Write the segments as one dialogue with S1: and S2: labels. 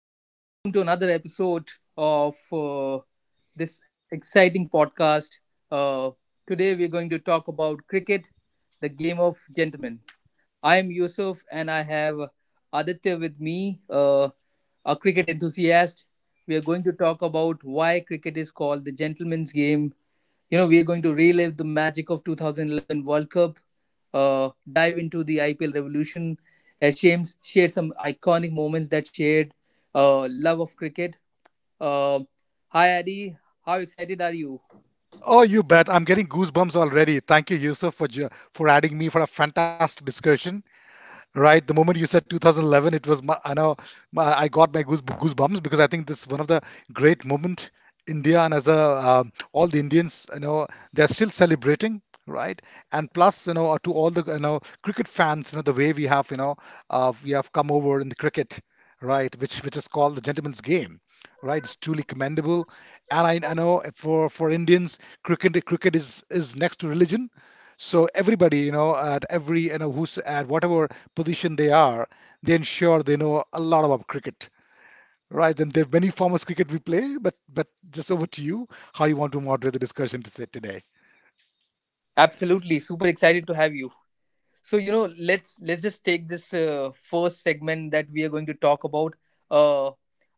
S1: Welcome. Welcome to another episode of this exciting podcast. Uh, Today, we're going to talk about cricket, the game of gentlemen. I am Yusuf and I have Aditya with me, a cricket enthusiast. We are going to talk about why cricket is called the gentleman's game, you know, we are going to relive the magic of 2011 World Cup, dive into the IPL revolution, share some iconic moments that shared love of cricket. Uh, Hi, Adi. How excited are you?
S2: Oh, you bet. I'm getting goosebumps already. Thank you, Yusuf, for adding me for a fantastic discussion, right? The moment you said 2011, it was my, I know my, I got my goosebumps because I think this is one of the great moment India, and as a all the Indians, they're still celebrating. Right, and plus, to all the cricket fans, the way we have, we have come over in the cricket, right, which is called the gentleman's game, right? It's truly commendable, and I know for Indians, cricket is next to religion, so everybody, at every, who's at whatever position they are, they ensure they know a lot about cricket, right? And there are many forms of cricket we play, but just over to you, how you want to moderate the discussion to say today.
S1: Absolutely, super excited to have you. So you know, let's just take this first segment that we are going to talk about. Uh,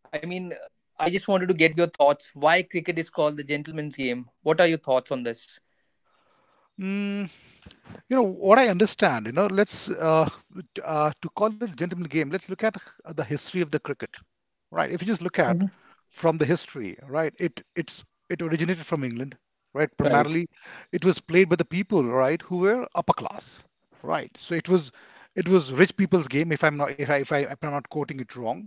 S1: I mean, I just wanted to get your thoughts. Why cricket is called the gentleman's game? What are your thoughts on this?
S2: You know what, I understand. Let's to call it a gentleman game, let's look at the history of the cricket, right? If you just look at
S1: Mhm.
S2: from the history, right, it originated from England, right,
S1: Right.
S2: primarily. It was played by the people, right, who were upper class, right? It was rich people's game, if, if I'm not quoting it wrong,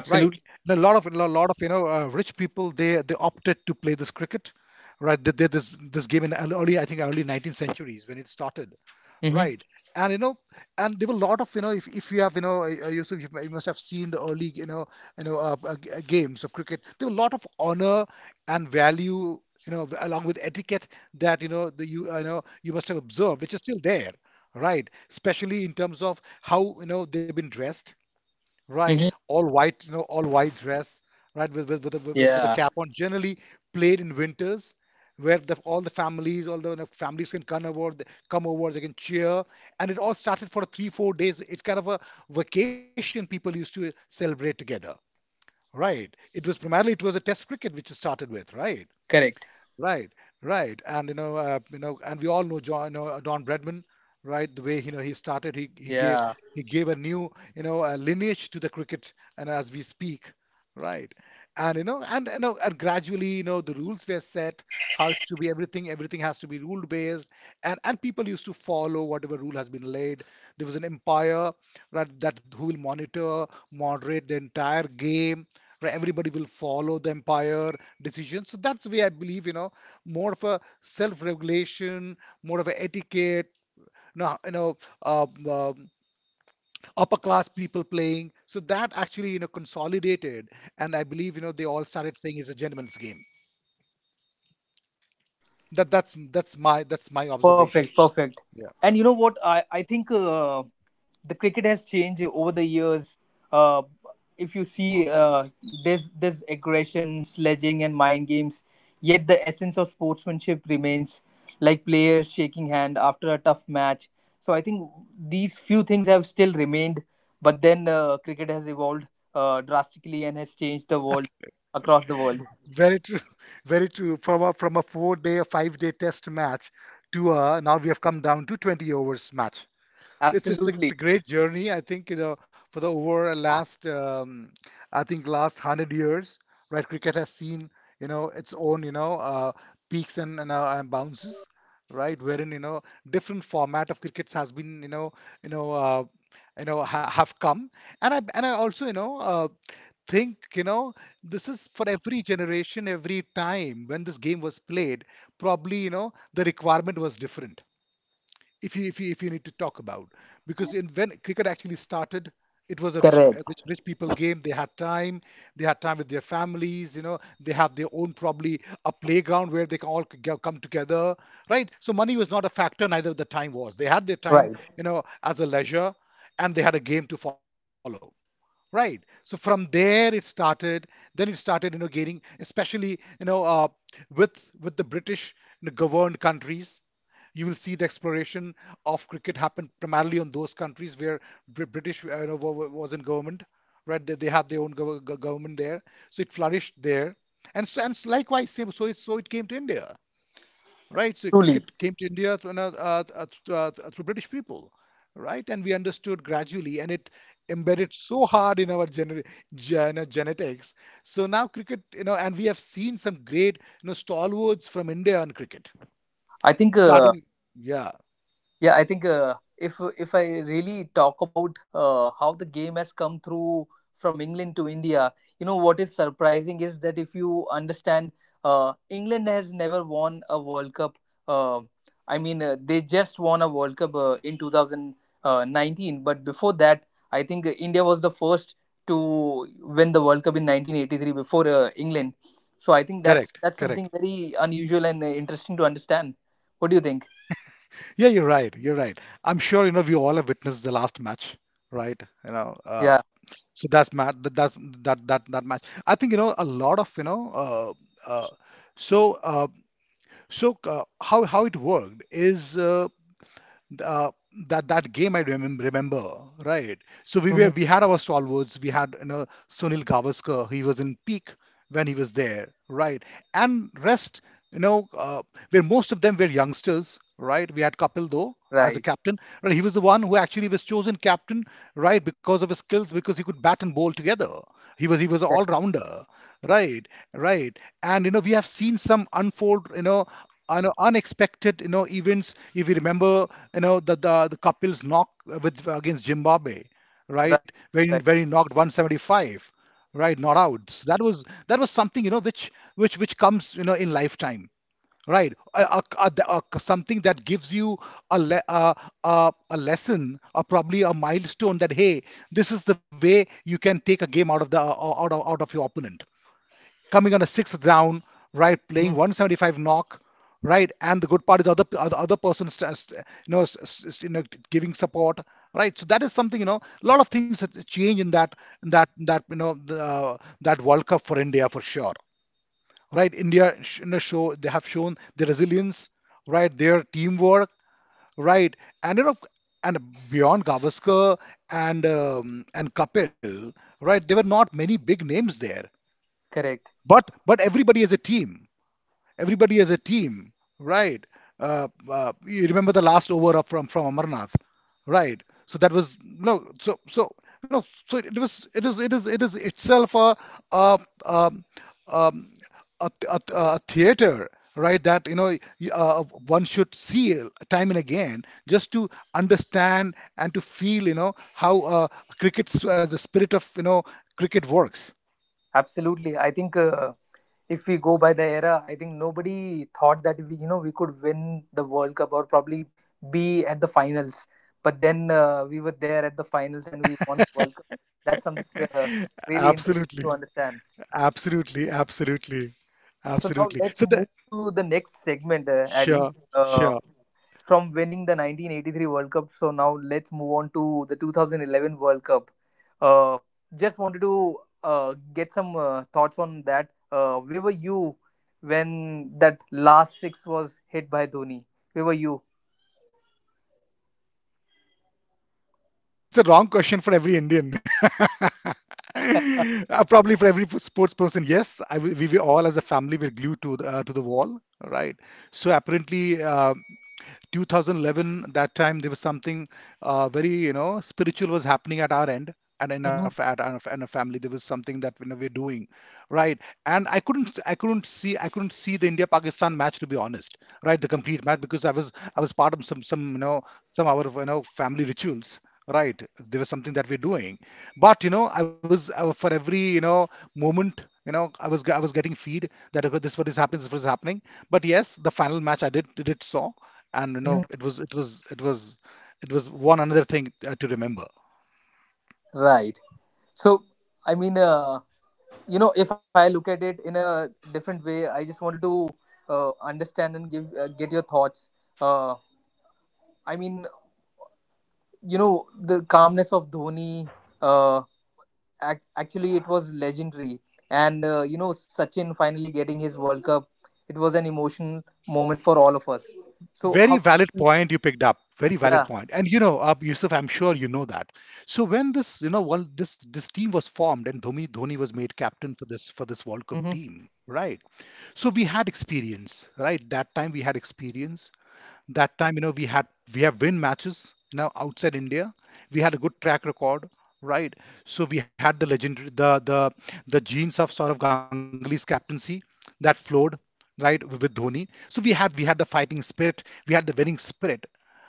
S2: right? And a lot of rich people, they opted to play this cricket, right? They did this game in early, I think early 19th centuries, when it started,
S1: Mm-hmm.
S2: right? And you know, and there were a lot of if you have you know Yusuf, you must have seen the early games of cricket. There were a lot of honor and value, you know, along with etiquette, that you know the you know, you must have observed, which is still there, right, especially in terms of how you know they've been dressed. Right.
S1: Hmm.
S2: All white, you know, all white dress, right, with a
S1: Yeah,
S2: cap on. Generally played in winters, where the, all the families, all the you know, families can come over, they can cheer, and it all started for three, 4 days. It's kind of a vacation people used to celebrate together. Right. It was primarily, it was a test cricket which it started with, right?
S1: correct.
S2: Right, right, and you know, and we all know John, you know, Don Bradman, right? The way you know he started, he gave,
S1: Yeah,
S2: he gave a new you know lineage to the cricket, and as we speak, right? And you know, and you know, and gradually, you know, the rules were set, how it's to be. Everything, everything has to be rule based, and people used to follow whatever rule has been laid. There was an umpire, right, that who will monitor, moderate the entire game. Right, everybody will follow the umpire decisions. So that's the way I believe, you know, more of a self-regulation, more of an etiquette, you you know, um, um, upper class people playing. So that actually, you know, consolidated, and I believe, you know, they all started saying it's a gentleman's game. That's my observation.
S1: perfect, perfect.
S2: Yeah.
S1: And you know what? I think the cricket has changed over the years. Uh, if you see, uh, there's aggression, sledging, and mind games. Yet the essence of sportsmanship remains, like players shaking hand after a tough match. So I think these few things have still remained, but then cricket has evolved drastically and has changed the world across the world.
S2: Very true, very true. From a 4 day, a 5 day test match to a, now we have come down to 20 overs match. It's a
S1: Absolutely
S2: great journey. I think you know for the over a last I think last hundred years, right? Cricket has seen, you know, its own, you know, peaks and and bounces, right? Wherein, you know, different format of crickets has been, you know, you know, you know ha have come. And I, and I also, you know, think, you know, this is for every generation. Every time when this game was played, probably you know the requirement was different, if you need to talk about, because in when cricket actually started, it was a
S1: correct.
S2: rich people game. They had time, they had time with their families. You know, they have their own probably a playground where they can come together, right? So money was not a factor, neither the time was. They had their time,
S1: Right.
S2: you know, as a leisure, and they had a game to follow, right? So from there it started. Then it started, you know, gaining, especially, you know, with the British, you know, governed countries. You will see the exploration of cricket happen primarily on those countries where British, you know, was in government, right? They had their own government there, so it flourished there, and so and likewise, same. So it, so it came to India, right? So
S1: Truly,
S2: cricket came to India through, through, through British people, right? And we understood gradually, and it embedded so hard in our genetics. So now cricket, you know, and we have seen some great, you know, stalwarts from India on cricket,
S1: I think
S2: starting. Yeah.
S1: yeah, I think if I really talk about how the game has come through from England to India, you know what is surprising is that if you understand, England has never won a World Cup. Uh, I mean, they just won a World Cup in 2019, but before that, I think India was the first to win the World Cup in 1983 before England. So I think that's
S2: Correct,
S1: something
S2: correct.
S1: very unusual and interesting to understand. What do you think?
S2: Yeah, you're right. You're right. I'm sure you know we all have witnessed the last match, right? You know,
S1: Yeah.
S2: so that's ma that that's that that that match. I think you know a lot of you know. Uh, so uh, how it worked is uh, that that game I remember, right? So we were, we had our stalwarts. We had, you know, Sunil Gavaskar. He was in peak when he was there, right? And rest, you know, where most of them were youngsters, right? We had Kapil though as a
S1: Right,
S2: captain, right? He was the one who actually was chosen captain, right, because of his skills, because he could bat and bowl together. He was an all
S1: right,
S2: rounder, right? Right, and you know we have seen some unfold, you know, unexpected, you know, events. If you remember, you know, the Kapil's knock with against Zimbabwe,
S1: right,
S2: right? When
S1: right.
S2: when he knocked 175, right, not out. So that was, that was something, you know, which which comes, you know, in lifetime, right? Something that gives you a, le- a, a lesson, or probably a milestone, that hey, this is the way you can take a game out of the out of your opponent, coming on a sixth round, right, playing
S1: Mhm.
S2: 175 knock, right? And the good part is the other, other person you know you know giving support, right? So that is something, you know, a lot of things that change in that, that, you know, the, that world cup for India, for sure, right? India sh- in the show they have shown their resilience, right? Their teamwork, right? And you know, and beyond Gavaskar and Kapil, right? There were not many big names there,
S1: Correct.
S2: but everybody as a team, everybody as a team, right? You remember the last over of from Amarnath, right? So that was no, so so you know, so it was it is it is it is itself a a um, um, a theater, right? That you know one should see time and again, just to understand and to feel, you know, how cricket, the spirit of, you know, cricket works.
S1: Absolutely. I think if we go by the era, I think nobody thought that we, you know, we could win the World Cup or probably be at the finals. But then we were there at the finals and we won the World Cup. That's something uh, really interesting to
S2: Absolutely.
S1: understand.
S2: Absolutely, absolutely,
S1: So now
S2: absolutely.
S1: let's
S2: So the
S1: move to the next segment, Addy.
S2: sure,
S1: Uh,
S2: sure.
S1: from winning the 1983 World Cup, so now let's move on to the 2011 World Cup. Uh, just wanted to get some thoughts on that. Where were you when that last six was hit by Dhoni? Where were you?
S2: I think it's a wrong question for every Indian. Probably for every sports person. Yes, I, we all as a family were glued to the wall, right? So apparently, 2011, that time there was something very, you know, spiritual was happening at our end and in our,
S1: Mhm,
S2: in our family. There was something that you know, we're doing, right? And I couldn't see the India-Pakistan match to be honest, right? The complete match because I was part of some, you know, some our, you know, family rituals. Right, there was something that we're doing, but you know, I was for every, you know, moment, you know, I was I was getting feed that okay, this what is happening, this what is happening. But yes, the final match I did saw, and you know
S1: mhm.
S2: it was one another thing to remember.
S1: Right. So, I mean, you know if I look at it in a different way I just wanted to understand and give get your thoughts uh, I mean you know the calmness of dhoni uh, actually it was legendary and you know sachin finally getting his world cup it was an emotional moment for all of us so
S2: Very
S1: how
S2: valid point you picked up, very valid
S1: yeah
S2: point. And you know, Yusuf, I'm sure you know that. So when this you know one this this team was formed and Dhoni was made captain for this World Cup
S1: mm-hmm,
S2: team, right? So we had experience, right? That time we had experience. That time, you know, we had, we have win matches now outside India. We had a good track record, right? So we had the legendary the the genes of Saurav Ganguly's captaincy that flowed, right, with Dhoni. So we had the fighting spirit, we had the winning spirit,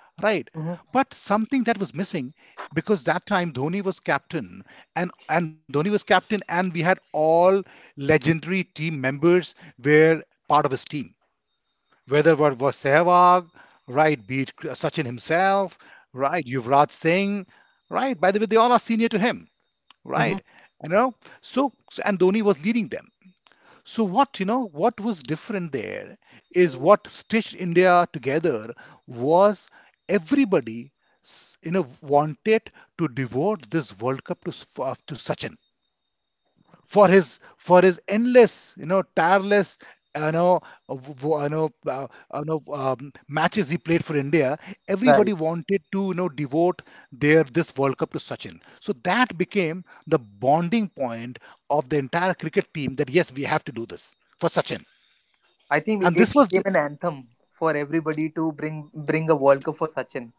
S2: right?
S1: mm-hmm,
S2: But something that was missing, because that time Dhoni was captain. And Dhoni was captain, and we had all legendary team members were part of his team, whether it was Sehwag, right, be it Sachin himself, right, Yuvraj Singh, right. By the way, they all are senior to him,
S1: mm-hmm.
S2: right? You know, and Dhoni was leading them. So what you know, what was different there is what stitched India together was everybody you know wanted to devote this World Cup to to Sachin, for his endless, you know, tireless, you know w- you know matches he played for India.
S1: Right,
S2: Everybody wanted to, you know, devote their this World Cup to Sachin, so that became the bonding point of the entire cricket team, that yes, we have to do this for Sachin.
S1: I think
S2: And
S1: it
S2: this was
S1: became an anthem for everybody to bring a world cup for sachin.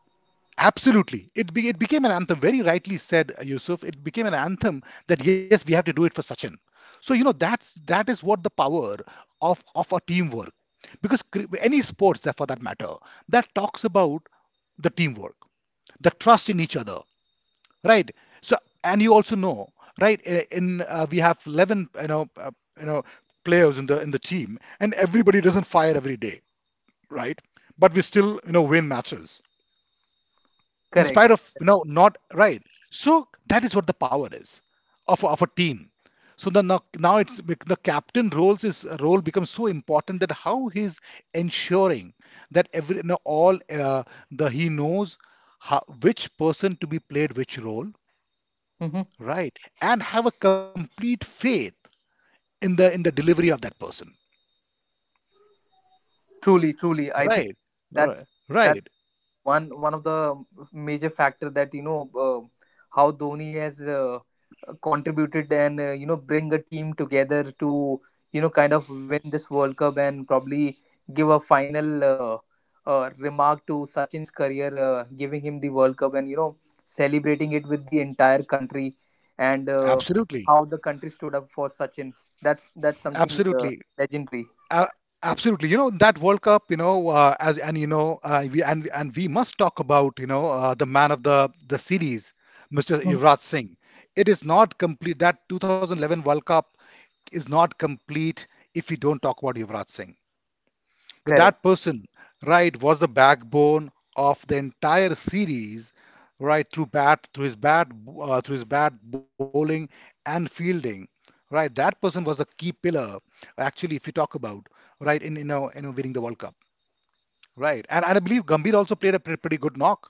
S2: absolutely. It became an anthem. Very rightly said, Yusuf. It became an anthem that yes, we have to do it for Sachin. So, you know, that's that is what the power of our teamwork. Because any sports, that for that matter, that talks about the teamwork, the trust in each other, right? So, and you also know, right? In we have 11, you know, players in the team, and everybody doesn't fire every day, right? But we still, you know, win matches in spite
S1: Correct.
S2: of you know not right. So that is what the power is of a team. So the, now, now it's the captain roles is role becomes so important that how he's ensuring that every you know, all the he knows how, which person to be played which role,
S1: Mhm.
S2: right, and have a complete faith in the delivery of that person,
S1: Truly, truly, I think
S2: right.
S1: that's
S2: Right.
S1: that's
S2: Right.
S1: one of the major factor that you know how Dhoni has contributed and you know bring a team together to you know kind of win this World Cup and probably give a final remark to Sachin's career, giving him the World Cup and you know celebrating it with the entire country and
S2: Absolutely.
S1: how the country stood up for Sachin. That's something
S2: Absolutely.
S1: legendary.
S2: Uh, absolutely. You know that World Cup. You know, as and you know, we and we must talk about, you know, the man of the series, Mr.
S1: Mhm.
S2: Yuvraj Singh. It is not complete. That 2011 World Cup is not complete if we don't talk about Yuvraj Singh. But
S1: Correct.
S2: that person, right, was the backbone of the entire series, right, through bat, through his bat bowling and fielding, right. That person was a key pillar, actually, if you talk about, right, in you know, winning the World Cup, right. And I believe Gambhir also played a pretty good knock,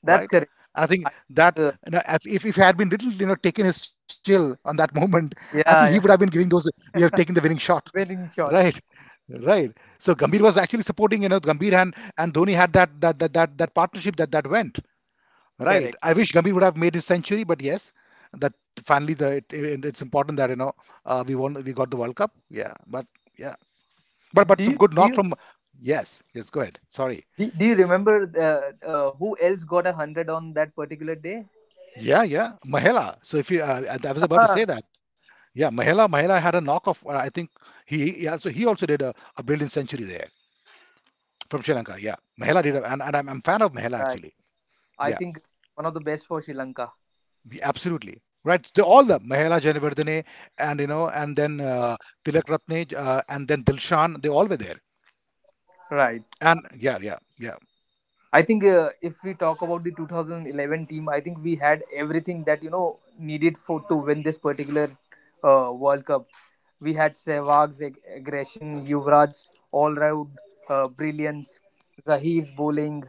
S1: That's
S2: right.
S1: correct.
S2: I think
S1: I
S2: that
S1: think,
S2: you know, if if he had been little, you know, taken his chill on that moment, I think he would have been
S1: yeah,
S2: giving those, he have
S1: yeah.
S2: taken the winning shot.
S1: Winning
S2: Right,
S1: shots.
S2: right. So Gambhir was actually supporting, you know, Gambhir and Dhoni had that partnership that that went right.
S1: Correct.
S2: I wish Gambhir would have made his century, but yes, that finally the it's important that you know, we won, we got the World Cup. Yeah,
S1: Do
S2: but
S1: you
S2: some good
S1: do
S2: knock
S1: you
S2: from yes, yes. Go ahead. Sorry.
S1: do do you remember who else got a hundred on that particular day?
S2: Yeah, yeah. Mahela. So if you, I was about to say that. Yeah, Mahela had a knock of uh, I think he also did a brilliant century there from Sri Lanka. Yeah, Mahela did, and I'm fan of Mahela
S1: Right.
S2: actually.
S1: I
S2: Yeah,
S1: think one of the best for Sri Lanka.
S2: absolutely. Right. They all the Mahela Janivardene, and you know, and then Tilak Ratne, and then Dilshan, they all were there.
S1: Right.
S2: And yeah, yeah, yeah.
S1: I think if we talk about the 2011 team, I think we had everything that you know needed for to win this particular World Cup. We had Sehwag's aggression, Yuvraj's all-round brilliance, Zahir's bowling,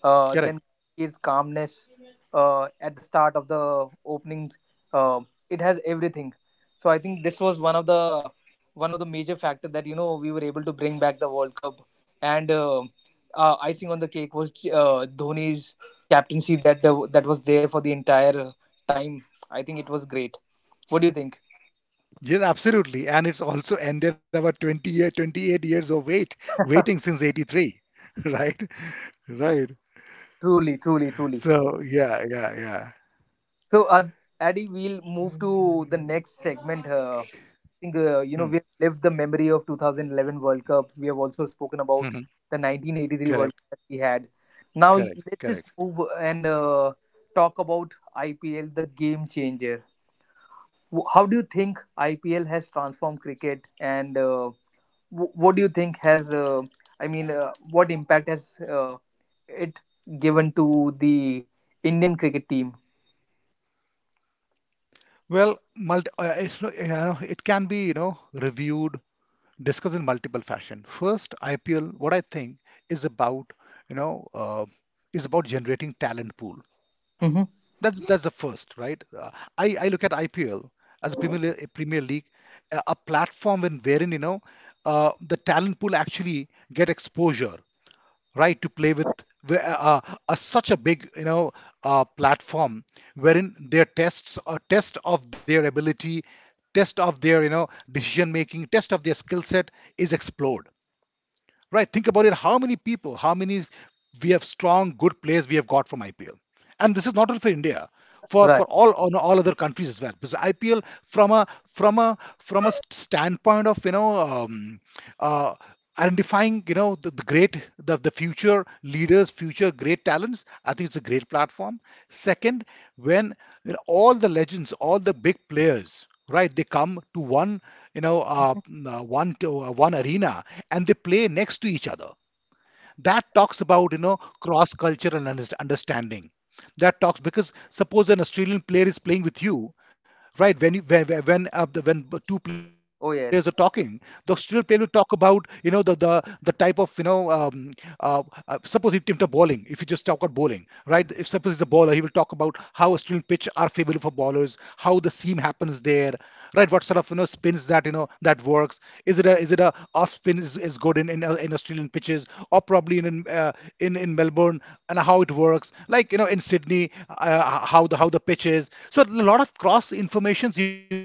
S1: then
S2: Correct.
S1: Kabir's calmness at the start of the openings. Uh, it has everything. So I think this was one of the major factor that you know we were able to bring back the World Cup and. Icing on the cake was Dhoni's captaincy that was there for the entire time. I think it was great. What do you think?
S2: Yes, absolutely. And it's also ended about 28 years of wait, waiting since 83. Right? Right.
S1: Truly, truly, truly.
S2: So yeah, yeah, yeah.
S1: So, Addy, we'll move to the
S2: Mm.
S1: next segment. I think you
S2: Hmm.
S1: know we've lived the memory of 2011 World Cup. We have also spoken about
S2: Mhm.
S1: the 1983 World
S2: Correct,
S1: Cup that we had. Now
S2: correct,
S1: let's just
S2: correct.
S1: move and talk about IPL, the game changer. How do you think IPL has transformed cricket, and what do you think has I mean what impact has it given to the indian cricket team?
S2: Well, it's, you know, it can be, you know, reviewed discuss in multiple fashion. First, IPL, what I think is about, you know, uh, is about generating talent pool.
S1: Hmm.
S2: That's the first, right? I look at IPL as a a Premier League, a platform in wherein you know, the talent pool actually get exposure, right, to play with where- uh, uh, such a big, you know, platform wherein their tests a test of their ability, test of their, you know, decision making, test of their skill set is explored. Right? Think about it. How many people, how many we have strong, good players we have got from IPL? And this is not only for India, for
S1: Right.
S2: all on all other countries as well. Because IPL from a from a from a standpoint of you know um, uh, identifying, you know, the great the future leaders, future great talents. I think it's a great platform. Second, when you know, all the legends, all the big players, right, they come to one, you know, one one arena, and they play next to each other. That talks about you know cross cultural understanding, that talks because suppose an Australian player is playing with you, right, when you when two players are talking,
S1: Oh
S2: the
S1: yes.
S2: Australian player will talk about you know the type of you know, uh, suppose if into bowling, if you just talk about bowling, right, if suppose he's a bowler, he will talk about how Australian pitch are favorable for bowlers, how the seam happens there, right, what sort of you know spins that you know that works, is it a off spin, is good in in Australian pitches, or probably in in Melbourne, and how it works like, you know, in Sydney. Uh, how the pitch is. So a lot of cross informations you gather,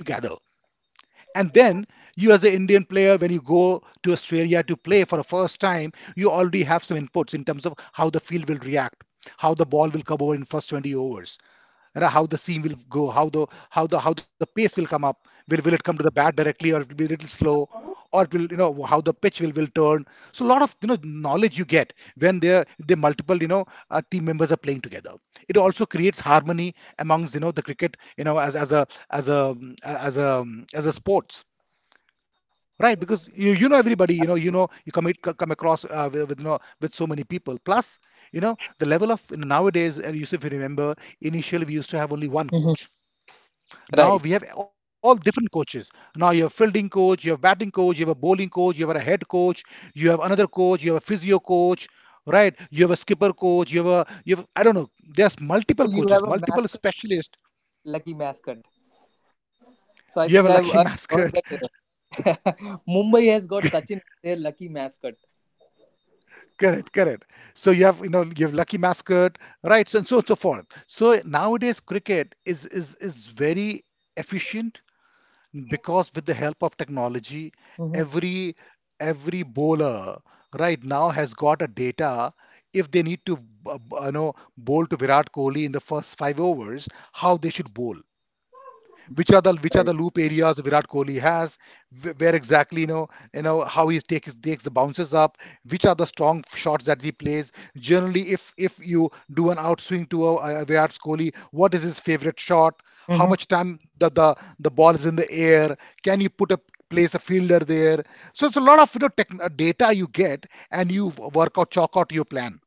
S2: and then you as an Indian player when you go to Australia to play for the first time, you already have some inputs in terms of how the field will react, how the ball will come over in first 20 overs, you know, how the seam will go, how the how the pace will come up. Will it come to the bat directly, or it will be a little slow, or it will you know how the pitch will turn. So a lot of you know knowledge you get when there the multiple, you know, team members are playing together. It also creates harmony amongst you know the cricket you know as as a sports. Right, because you know everybody, you know, you know, you come come across, with you know with so many people. Plus, you know, the level of you know, nowadays, and Yusuf, if you remember, initially we used to have only one
S1: Hmm.
S2: coach.
S1: Right.
S2: Now we have all different coaches. Now you have fielding coach, you have batting coach, you have a bowling coach, you have a head coach, you have another coach, you have a physio coach, right? You have a skipper coach, you have a you have I don't know. There's
S1: Oh, you
S2: multiple
S1: have a
S2: coaches,
S1: mascot,
S2: multiple specialists.
S1: lucky mascot, so I
S2: You
S1: think
S2: have a lucky
S1: I've heard
S2: mascot.
S1: that mumbai has got sachin as their lucky mascot.
S2: Correct, correct. So you have you know you have lucky mascot, right? So and so on so forth. So nowadays cricket is is very efficient because with the help of technology
S1: Hmm.
S2: every every bowler right now has got a data if they need to you know bowl to Virat Kohli in the first 5 overs, how they should bowl, which are the
S1: Right.
S2: loop areas Virat Kohli has, where exactly you know, you know how he takes takes the bounces up, which are the strong shots that he plays. Generally, if you do an outswing to a Virat Kohli, what is his favorite shot? How
S1: Hmm.
S2: much time the ball is in the air? Can you put a place a fielder there? So it's a lot of you know tech, data you get, and you work out chalk out your plan.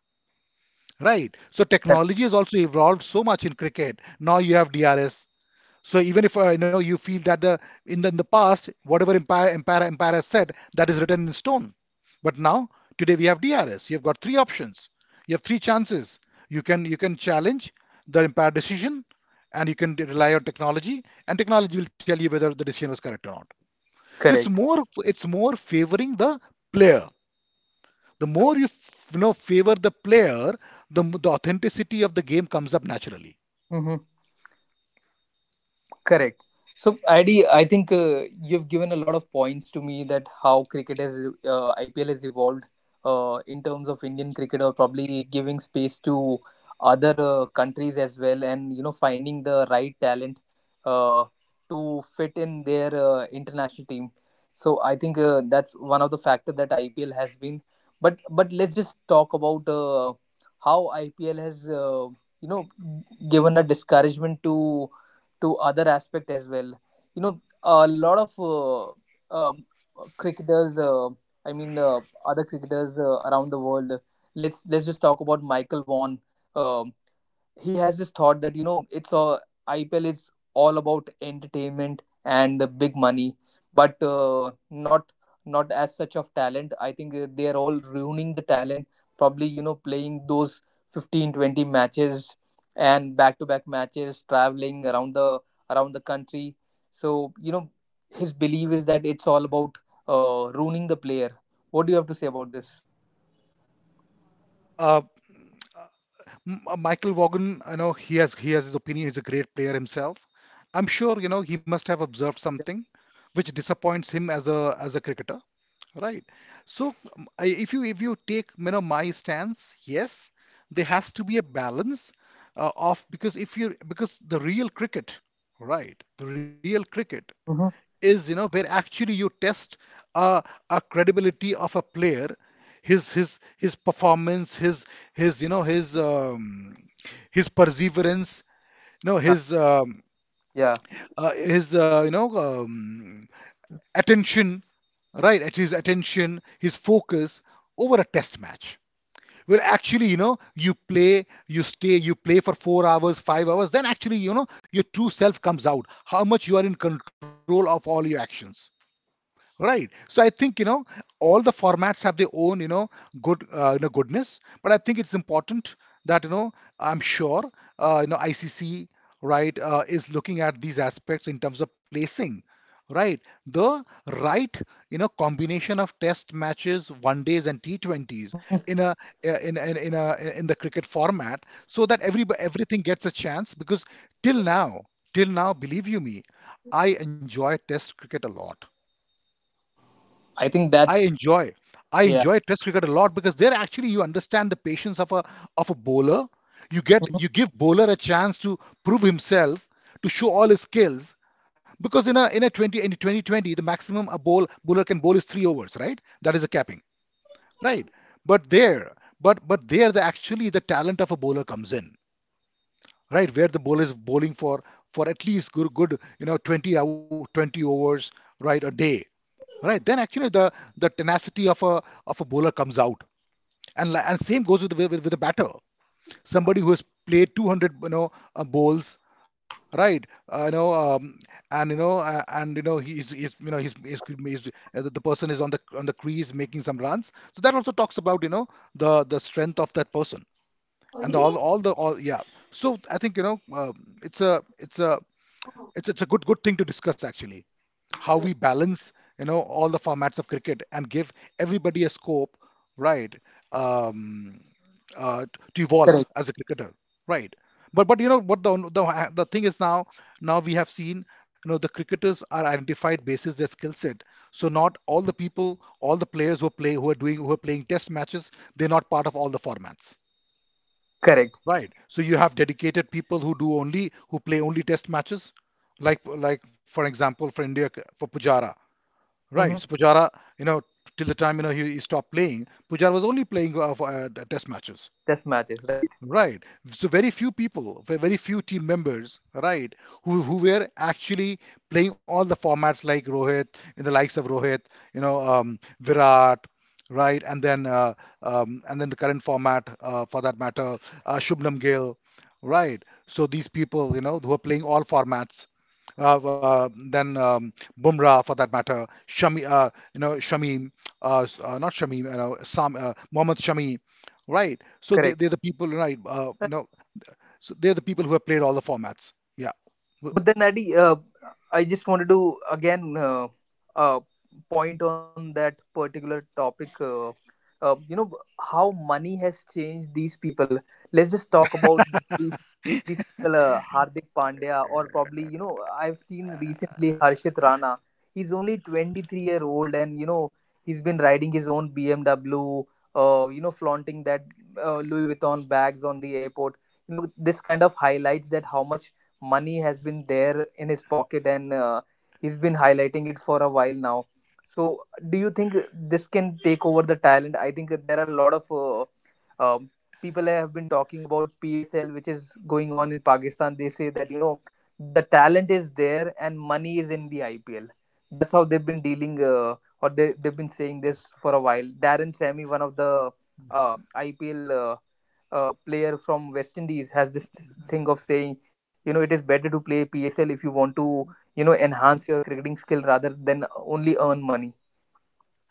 S2: Right. So
S1: Correct.
S2: technology has also evolved so much in cricket. Now you have DRS. So even if you know you feel that the in the, in the past, whatever empire has said, that is written in stone. But now, today we have DRS. You've got three options. You have three chances. You can challenge the empire decision, and you can rely on technology, and technology will tell you whether the decision was correct or not. So it's
S1: Correct.
S2: more it's more favoring the player. The more you, f- you know favor the player, the authenticity of the game comes up naturally.
S1: Correct. So, Adi, I think you've given a lot of points to me that how cricket has IPL has evolved in terms of Indian cricket, or probably giving space to other countries as well, and you know finding the right talent uh, to fit in their international team. So, I think that's one of the factor that IPL has been. But let's just talk about how IPL has you know given a discouragement to other aspect as well. You know, a lot of um, cricketers. I mean, other cricketers around the world. Let's just talk about Michael Vaughan. Um he has this thought that you know it's a IPL is all about entertainment and the big money, but not as such of talent. I think they are all ruining the talent. Probably you know playing those 15-20 matches and back to back matches, traveling around the country. So you know his belief is that it's all about ruining the player. What do you have to say about this?
S2: Look, Michael Vaughan, I know he has his opinion. He's a great player himself. I'm sure you know he must have observed something which disappoints him as a cricketer, right? So if you take you know my stance, yes, there has to be a balance of because if you because the real cricket, right? The real cricket
S1: Mm-hmm.
S2: is you know where actually you test a, a credibility of a player, his performance, his you know his um, his perseverance, you know
S1: Yeah,
S2: his you know attention, right, at his attention, his focus over a test match. Well, actually you know you play you play for 4 hours 5 hours, then actually you know your true self comes out, how much you are in control of all your actions. Right. So I think, you know, all the formats have their own, you know, good, you know, goodness. But I think it's important that, you know, I'm sure, you know, ICC, right, is looking at these aspects in terms of placing, right, the right, you know, combination of test matches, one days and T20s in a in in a in the cricket format, so that everything gets a chance, because till now, till now, believe you me, I enjoy test cricket a lot.
S1: I think
S2: I
S1: that's
S2: enjoy. I
S1: yeah.
S2: enjoy Test cricket a lot because there actually you understand the patience of a bowler. You get
S1: Mhm.
S2: you give bowler a chance to prove himself, to show all his skills. Because in a 20, in 2020, the maximum a bowler can bowl is three overs, right? That is a capping, right? But there, but there the actually the talent of a bowler comes in, right? Where the bowler is bowling for at least good you know 20 out 20 overs, right, a day, right, then actually the tenacity of a bowler comes out, and same goes with the batter. Somebody who has played 200 you know bowls, right, you know, and you know, and you know, he's you know he's the person is on the crease making some runs, so that also talks about you know the strength of that person and the, all the all yeah. So I think you know it's a it's a it's, it's a good thing to discuss actually how we balance, you know, all the formats of cricket and give everybody a scope, right. um, uh, t- to
S1: Correct.
S2: evolve as a cricketer, right. But you know what, the thing is, now we have seen, you know, the cricketers are identified basis their skill set. So not all the people, all the players who play, who are doing, who are playing test matches, they're not part of all the formats,
S1: Correct.
S2: right? So you have dedicated people who do only who play only test matches, like like for example for India, for Pujara. Right.
S1: Mm-hmm.
S2: So Pujara, you know, till the time you know he stopped playing, Pujara was only playing for test matches.
S1: Test matches, right?
S2: Right. So very few people, very few team members, right, who were actually playing all the formats, like Rohit, in the likes of Rohit, you know, Virat, right, and then the current format, for that matter, Shubman Gill, right. So these people, you know, who are playing all formats, then Bumrah for that matter, Shami, you know, Shamim, s- not Shamim, you know, Sam, Mohammad Shami, right? So they,
S1: Correct.
S2: they're the people, right?
S1: Uh,
S2: You know, so they're the people who have played all the formats. Yeah, Wh-
S1: But then, Adi, I just wanted to again uh, point on that particular topic. You know how money has changed these people. Let's just talk about these people, Hardik Pandya, or probably, you know, I've seen recently Harshit Rana. He's only 23-year-old and, you know, he's been riding his own BMW, you know, flaunting that Louis Vuitton bags on the airport. You know, this kind of highlights that how much money has been there in his pocket and he's been highlighting it for a while now. So, do you think this can take over the talent? I think that there are a lot of um people have been talking about PSL, which is going on in Pakistan. They say that you know the talent is there and money is in the IPL. That's how they've been dealing, or they've been saying this for a while. Darren Sammy, one of the IPL player from West Indies, has this thing of saying, you know, it is better to play PSL if you want to, you know, enhance your cricketing skill rather than only earn money.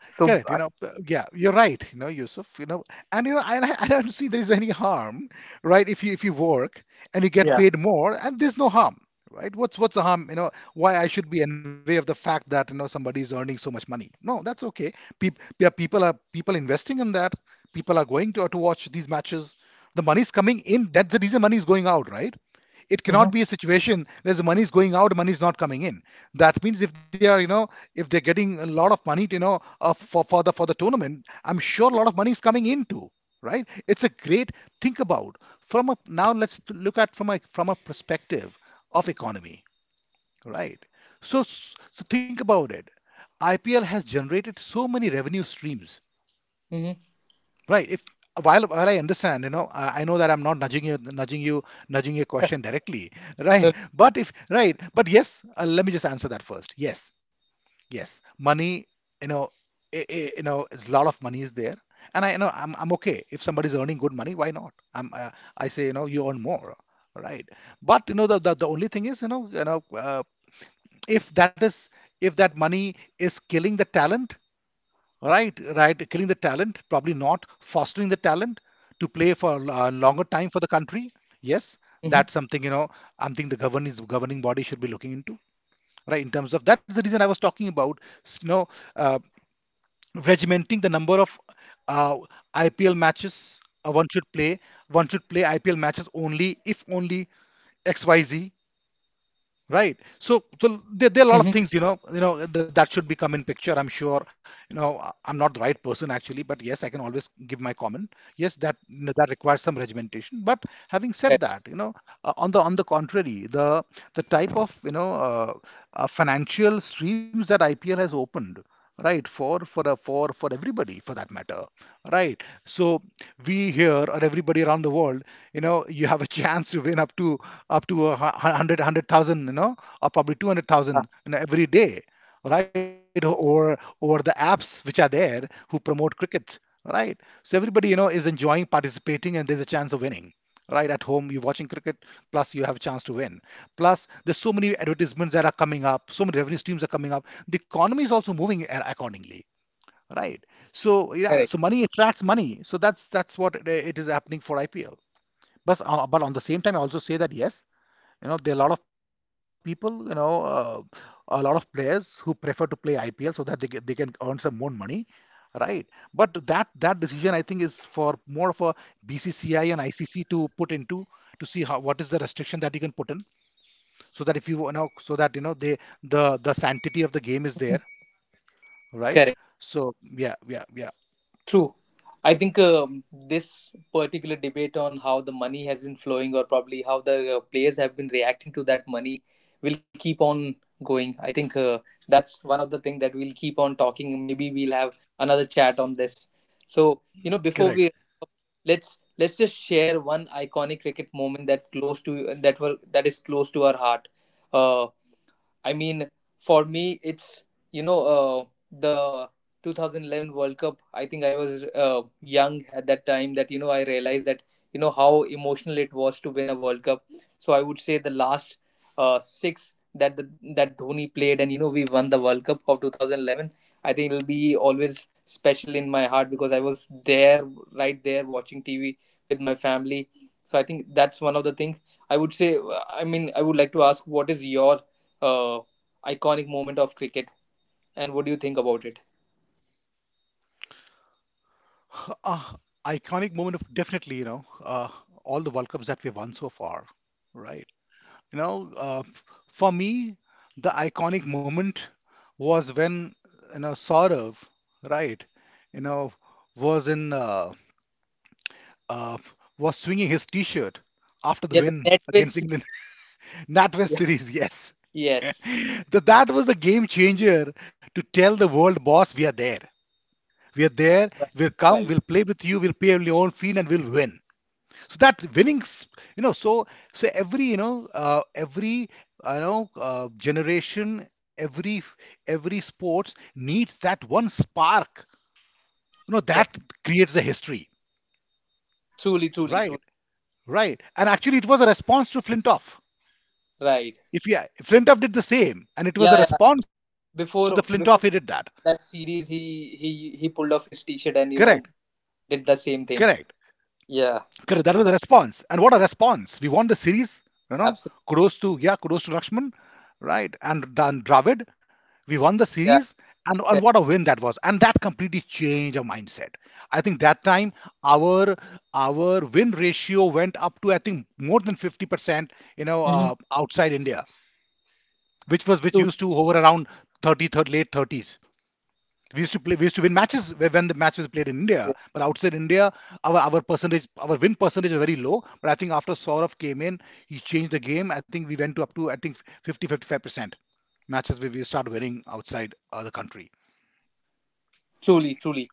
S1: So
S2: correct. You
S1: I-
S2: know, yeah, you're right. You know, Yusuf. You know, and you know, I don't see there is any harm, right? If you work and you get
S1: yeah.
S2: paid more, and there's no harm, right? What's the harm? You know, why I should be envy of the fact that you know somebody is earning so much money? No, that's okay. Yeah, people are people investing in that. People are going to watch these matches. The money's coming in. That's the reason money is going out, right? It
S1: Mm-hmm.
S2: cannot be a situation where the money is going out, money is not coming in. That means if they are, you know, if they're getting a lot of money, you know, for the tournament, I'm sure a lot of money is coming in too, right? It's a great think about from a, now let's look at from a, perspective of economy, right? So so think about it. IPL has generated so many revenue streams.
S1: Mm-hmm.
S2: Right. If, while I understand, you know, I know that I'm not nudging you, nudging your question directly, right? But if right, but yes, let me just answer that first. Yes, yes, money, you know, you know, it's a lot of money is there, and I you know I'm okay if somebody's earning good money, why not? I'm I say you know you earn more, right? But you know the only thing is you know if that is if that money is killing the talent. Right, right. Killing the talent, probably not. Fostering the talent to play for a longer time for the country. Yes, that's something you know. I'm thinking the governing body should be looking into. Right, in terms of that's the reason I was talking about. You know, uh, regimenting the number of uh, IPL matches one should play. One should play IPL matches only if only XYZ. Right. So, so there are a lot of
S1: Mm-hmm.
S2: things, you know, that, that should be come in picture. I'm sure, you know, I'm not the right person actually, but yes, I can always give my comment. Yes, that, that requires some regimentation. But having said
S1: Correct.
S2: that, you know, on the, on the contrary, the type of, you know, financial streams that IPL has opened, right, for for everybody for that matter, right? So we, here or everybody around the world, you know, you have a chance to win up to up to a hu- hu- hundred, 100,000, you know, or probably two hundred
S1: Ah,
S2: thousand, you know, every day, right? Or the apps which are there who promote cricket, right? So everybody, you know, is enjoying participating, and there's a chance of winning. Right, at home, you're watching cricket, plus you have a chance to win. Plus, there's so many advertisements that are coming up, so many revenue streams are coming up. The economy is also moving accordingly. Right. So yeah,
S1: correct.
S2: so money attracts money. So that's what it is happening for IPL. But on the same time, I also say that yes, you know, there are a lot of people, you know, a lot of players who prefer to play IPL so that they they can earn some more money, right? But that, that decision I think is for more of a BCCI and ICC to put into, to see how what is the restriction that you can put in, so that if you you know, so that you know they, the sanctity of the game is there, right?
S1: Correct.
S2: So yeah, yeah, yeah,
S1: True. I think this particular debate on how the money has been flowing, or probably how the players have been reacting to that money, will keep on going. I think that's one of the things that we'll keep on talking. Maybe we'll have another chat on this. So you know,
S2: correct.
S1: before we wrap up, let's just share one iconic cricket moment that close to that were that is close to our heart. Uh, I mean, for me, it's you know the 2011 World Cup. I think I was young at that time. That you know, I realized that you know how emotional it was to win a World Cup. So I would say the last six that that Dhoni played, and you know, we won the World Cup of 2011. I think it'll be always special in my heart because I was there, right there, watching TV with my family. So I think that's one of the things I would say. I mean, I would like to ask, what is your uh, iconic moment of cricket. And what do you think about it?
S2: Ah, iconic moment of definitely, you know, all the World Cups that we've won so far, right? You know, for me, the iconic moment was when, you know, Saurav, right, you know, was in, uh, was swinging his t-shirt after the
S1: Yeah, the
S2: win
S1: net
S2: against
S1: was
S2: England. NatWest series, yes.
S1: yes,
S2: That was a game changer, to tell the world, boss, we are there. We are there,
S1: right.
S2: we'll come,
S1: Right.
S2: we'll play with you, we'll pay your own fee, and we'll win. So that winning you know, so, so every, you know, every, you know, generation, every every sports needs that one spark, you know,
S1: Correct.
S2: that creates a history,
S1: Truly, truly,
S2: right.
S1: truly.
S2: Right, and actually it was a response to Flintoff.
S1: Right.
S2: If, yeah, Flintoff did the same, and it was a
S1: Yeah, yeah.
S2: response to the Flintoff, he did
S1: Before
S2: that.
S1: that series, he pulled off his t-shirt
S2: Correct,
S1: and you know did the same
S2: correct,
S1: thing. Yeah,
S2: correct, that was a response, and what a response! We won the series, you know,
S1: absolutely.
S2: kudos to, yeah, kudos to Lakshman, right? And then Dravid, we won the
S1: Yeah.
S2: series, and
S1: Correct.
S2: what a win that was! And that completely changed our mindset. I think that time our win ratio went up to I think more than 50%, you know,
S1: Hmm.
S2: outside India, which was which
S1: True.
S2: used to hover around 30, 30 late 30s. We used to play, we used to win matches when the match was played in
S1: Yeah.
S2: India, but outside India, our percentage, our win percentage was very low. But I think after Saurav came in, he changed the game. I think we went to up to I think 50-55% matches where we start winning outside the country.
S1: Truly, truly.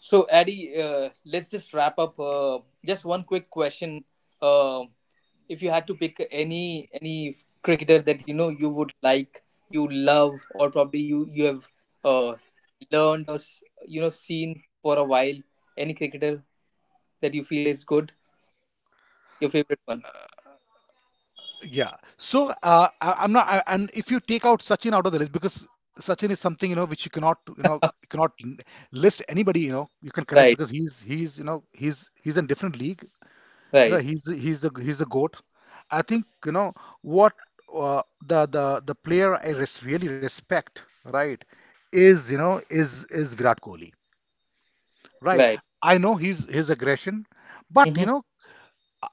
S1: So, Addy, let's just wrap up. Just one quick question. Um if you had to pick any cricketer that you know you would like you love or probably you have uh, learned or you know seen for a while, any cricketer that you feel is good, your favorite one?
S2: Yeah. So I, I'm not. I, and if you take out Sachin out of the list, because Sachin is something you know which you cannot you know you cannot list anybody, you know, you can connect
S1: Right,
S2: because he's you know he's in different league. You know
S1: right,
S2: he's the- he's the he's the goat. I think you know what the the player I res really respect, right, is you know is Virat Kohli, right?
S1: right,
S2: I know he's his aggression, but
S1: mm-hmm,
S2: you know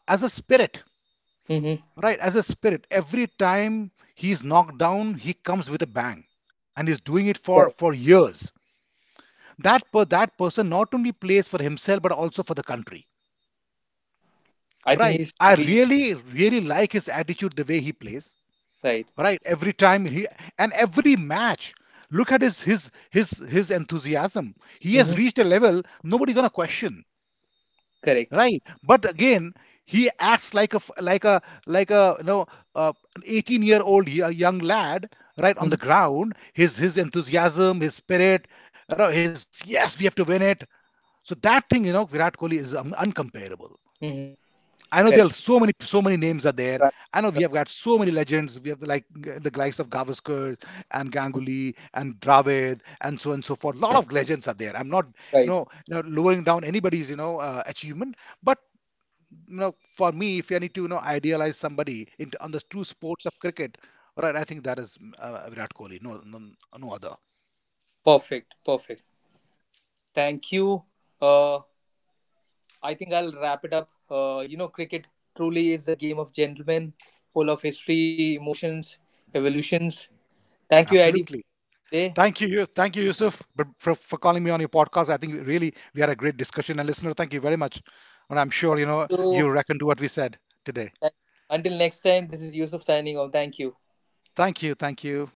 S2: as a spirit.
S1: mm-hmm.
S2: Right, as a spirit, every time he's knocked down, he comes with a bang, and he's doing it for
S1: Correct,
S2: years. That per, that person not only plays for himself but also for the country.
S1: I think
S2: Right,
S1: he's
S2: I
S1: truly
S2: really like his attitude, the way he plays.
S1: right,
S2: Right, every time he, and every match, look at his his enthusiasm. He has
S1: mm-hmm,
S2: reached a level nobody's gonna question.
S1: correct,
S2: Right, but again, he acts like a like a you know, an 18-year-old young lad, right, on
S1: mm-hmm,
S2: the ground, his enthusiasm, his spirit, you know, his yes we have to win it. So that thing, you know, Virat Kohli is uncomparable.
S1: mm-hmm,
S2: I know there are
S1: correct,
S2: so many names are there.
S1: right,
S2: I know we
S1: right,
S2: have got so many legends. We have, like, the likes of Gavaskar and Ganguly and Dravid and so on and so forth. A lot of legends are there. I'm not, you
S1: right.
S2: know, you know, lowering down anybody's you know achievement, but you know, for me, if I need to, you know, idealize somebody in on the true sports of cricket, right? I think that is Virat Kohli. No, no, no other.
S1: Perfect, perfect, thank you, uh I think I'll wrap it up. You know, cricket truly is a game of gentlemen, full of history, emotions, evolutions. Thank you, Adi, for
S2: Absolutely.
S1: today.
S2: Thank you, thank you, Yusuf, but for calling me on your podcast. I think we really we had a great discussion. And listener, thank you very much. And I'm sure
S1: Thank
S2: you know you
S1: you.
S2: reckon to what we said today.
S1: Thank you. Until next time, this is Yusuf signing off. Thank you.
S2: Thank you, thank you.